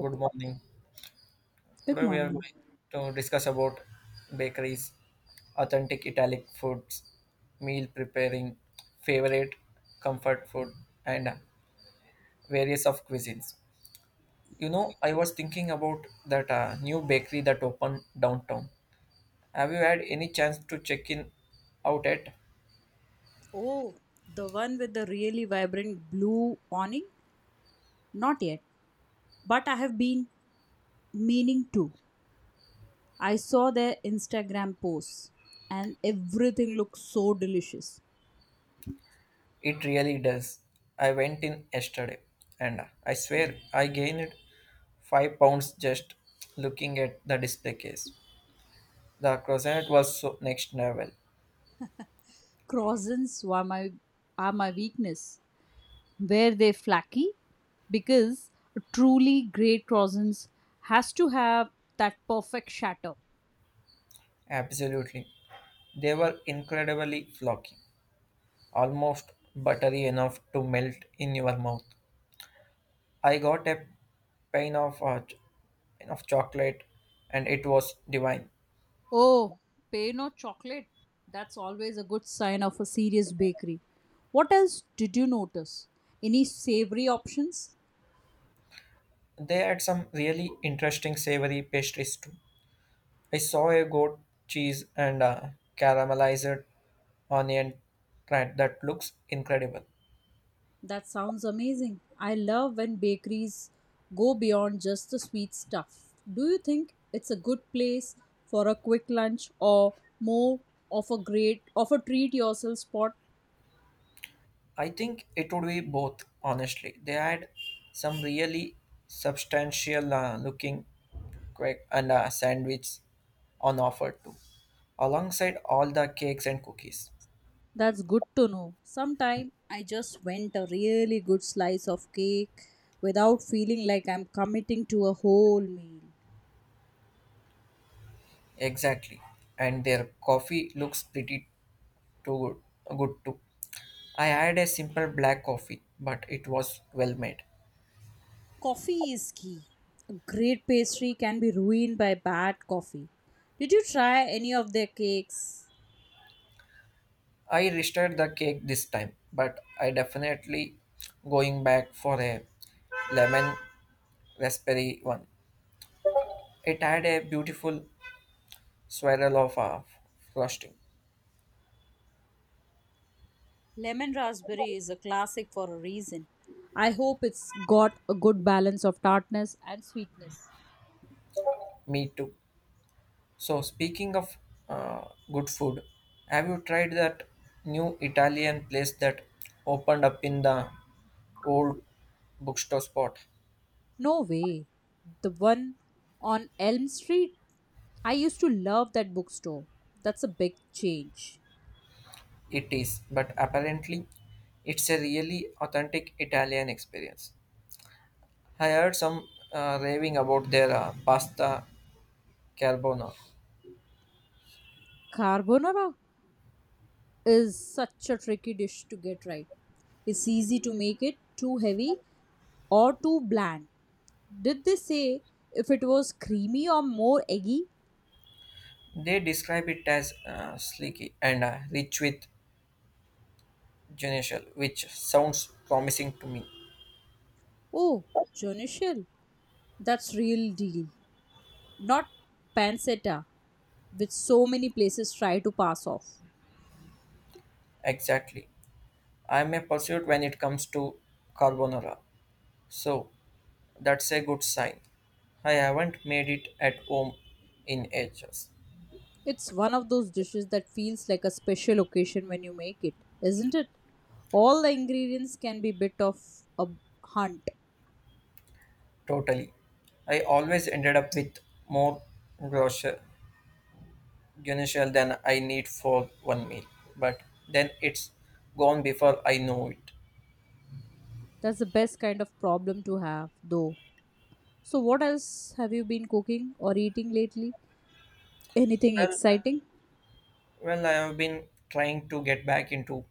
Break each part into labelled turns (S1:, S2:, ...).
S1: Good morning.
S2: Good
S1: Today we are
S2: morning.
S1: going to discuss about bakeries, authentic Italian foods, meal preparing, favorite comfort food, and various of cuisines. You know, I was thinking about that new bakery that opened downtown. Have you had any chance to check in out at?
S2: Oh, the one with the really vibrant blue awning? Not yet, but I have been meaning to. I saw their Instagram posts and everything looks so delicious.
S1: It really does. I went in yesterday, and I swear I gained 5 pounds just looking at the display case. The croissant was so next level.
S2: Croissants were my Are my weakness. Were they flaky? Because a truly great croissants has to have that perfect shatter.
S1: Absolutely. They were incredibly flocky, almost buttery enough to melt in your mouth. I got a pane of, uh, ch- pane of chocolate and it was divine.
S2: Oh, pain or chocolate? That's always a good sign of a serious bakery. What else did you notice? Any savory options?
S1: They had some really interesting savory pastries too. I saw a goat cheese and a caramelized onion tart that looks incredible.
S2: That sounds amazing. I love when bakeries go beyond just the sweet stuff. Do you think it's a good place for a quick lunch or more of a treat yourself spot?
S1: I think it would be both, honestly. They had some really substantial looking quack and sandwich on offer too, alongside all the cakes and cookies.
S2: That's good to know. Sometime I just went a really good slice of cake without feeling like I'm committing to a whole meal.
S1: Exactly. And their coffee looks pretty too good too. I had a simple black coffee, but it was well made.
S2: Coffee is key. A great pastry can be ruined by bad coffee. Did you try any of their cakes?
S1: I restarted the cake this time, but I definitely going back for a lemon raspberry one. It had a beautiful swirl of frosting.
S2: Lemon raspberry is a classic for a reason. I hope it's got a good balance of tartness and sweetness.
S1: Me too. So, speaking of uh, good food, have you tried that new Italian place that opened up in the old bookstore spot?
S2: No way. The one on Elm Street, I used to love that bookstore. That's a big change.
S1: It is, but apparently, it's a really authentic Italian experience. I heard some raving about their pasta carbonara.
S2: Carbonara is such a tricky dish to get right. It's easy to make it too heavy or too bland. Did they say if it was creamy or more eggy?
S1: They describe it as sleeky and rich with genital, which sounds promising to me.
S2: Oh, Jonishel, that's real deal. Not pancetta, which so many places try to pass off.
S1: Exactly. I'm a pursuit when it comes to carbonara. So that's a good sign. I haven't made it at home in ages.
S2: It's one of those dishes that feels like a special occasion when you make it, isn't it? All the ingredients can be bit of a hunt.
S1: Totally. I always ended up with more grocer guinness than I need for one meal. But then it's gone before I know it.
S2: That's the best kind of problem to have, though. So, what else have you been cooking or eating lately? Anything
S1: Well
S2: exciting?
S1: well, I have been trying to get back into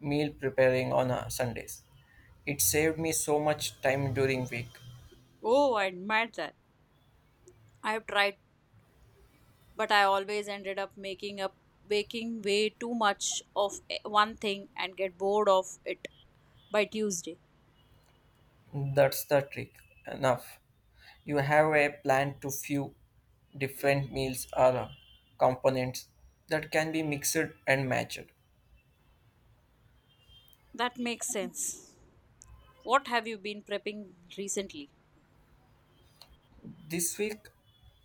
S1: meal preparing on Sundays. It saved me so much time during week.
S2: Oh, I admit that. I have tried, but I always ended up making up baking way too much of one thing and get bored of it by Tuesday.
S1: That's the trick. Enough. You have a plan to few different meals or components that can be mixed and matched.
S2: That makes sense. What have you been prepping recently?
S1: This week,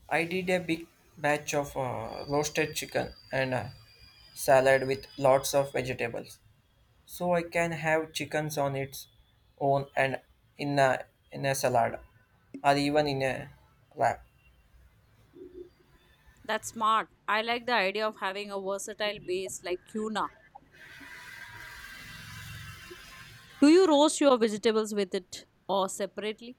S1: I did a big batch of roasted chicken and salad with lots of vegetables. So I can have chickens on its own and in a, in a salad or even in a wrap.
S2: That's smart. I like the idea of having a versatile base like tuna. Do you roast your vegetables with it or separately?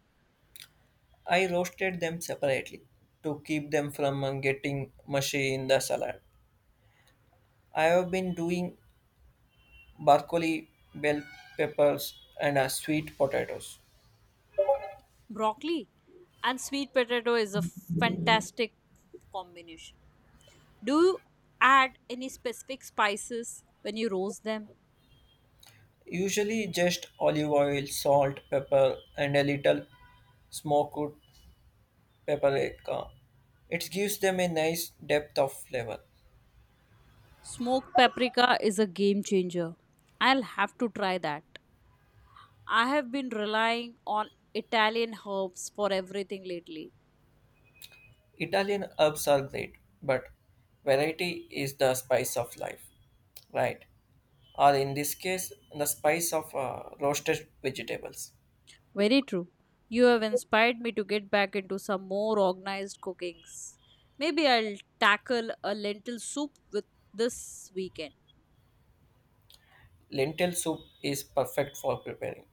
S1: I roasted them separately to keep them from getting mushy in the salad. I have been doing broccoli, bell peppers, and sweet potatoes.
S2: Broccoli and sweet potato is a fantastic combination. Do you add any specific spices when you roast them?
S1: Usually just olive oil, salt, pepper, and a little smoked paprika. It gives them a nice depth of flavor.
S2: Smoked paprika is a game changer. I'll have to try that. I have been relying on Italian herbs for everything lately.
S1: Italian herbs are great, but variety is the spice of life, right? Or in this case, the spice of roasted vegetables.
S2: Very true. You have inspired me to get back into some more organized cookings. Maybe I'll tackle a lentil soup with this weekend.
S1: Lentil soup is perfect for preparing.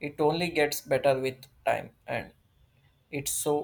S1: It only gets better with time and it's so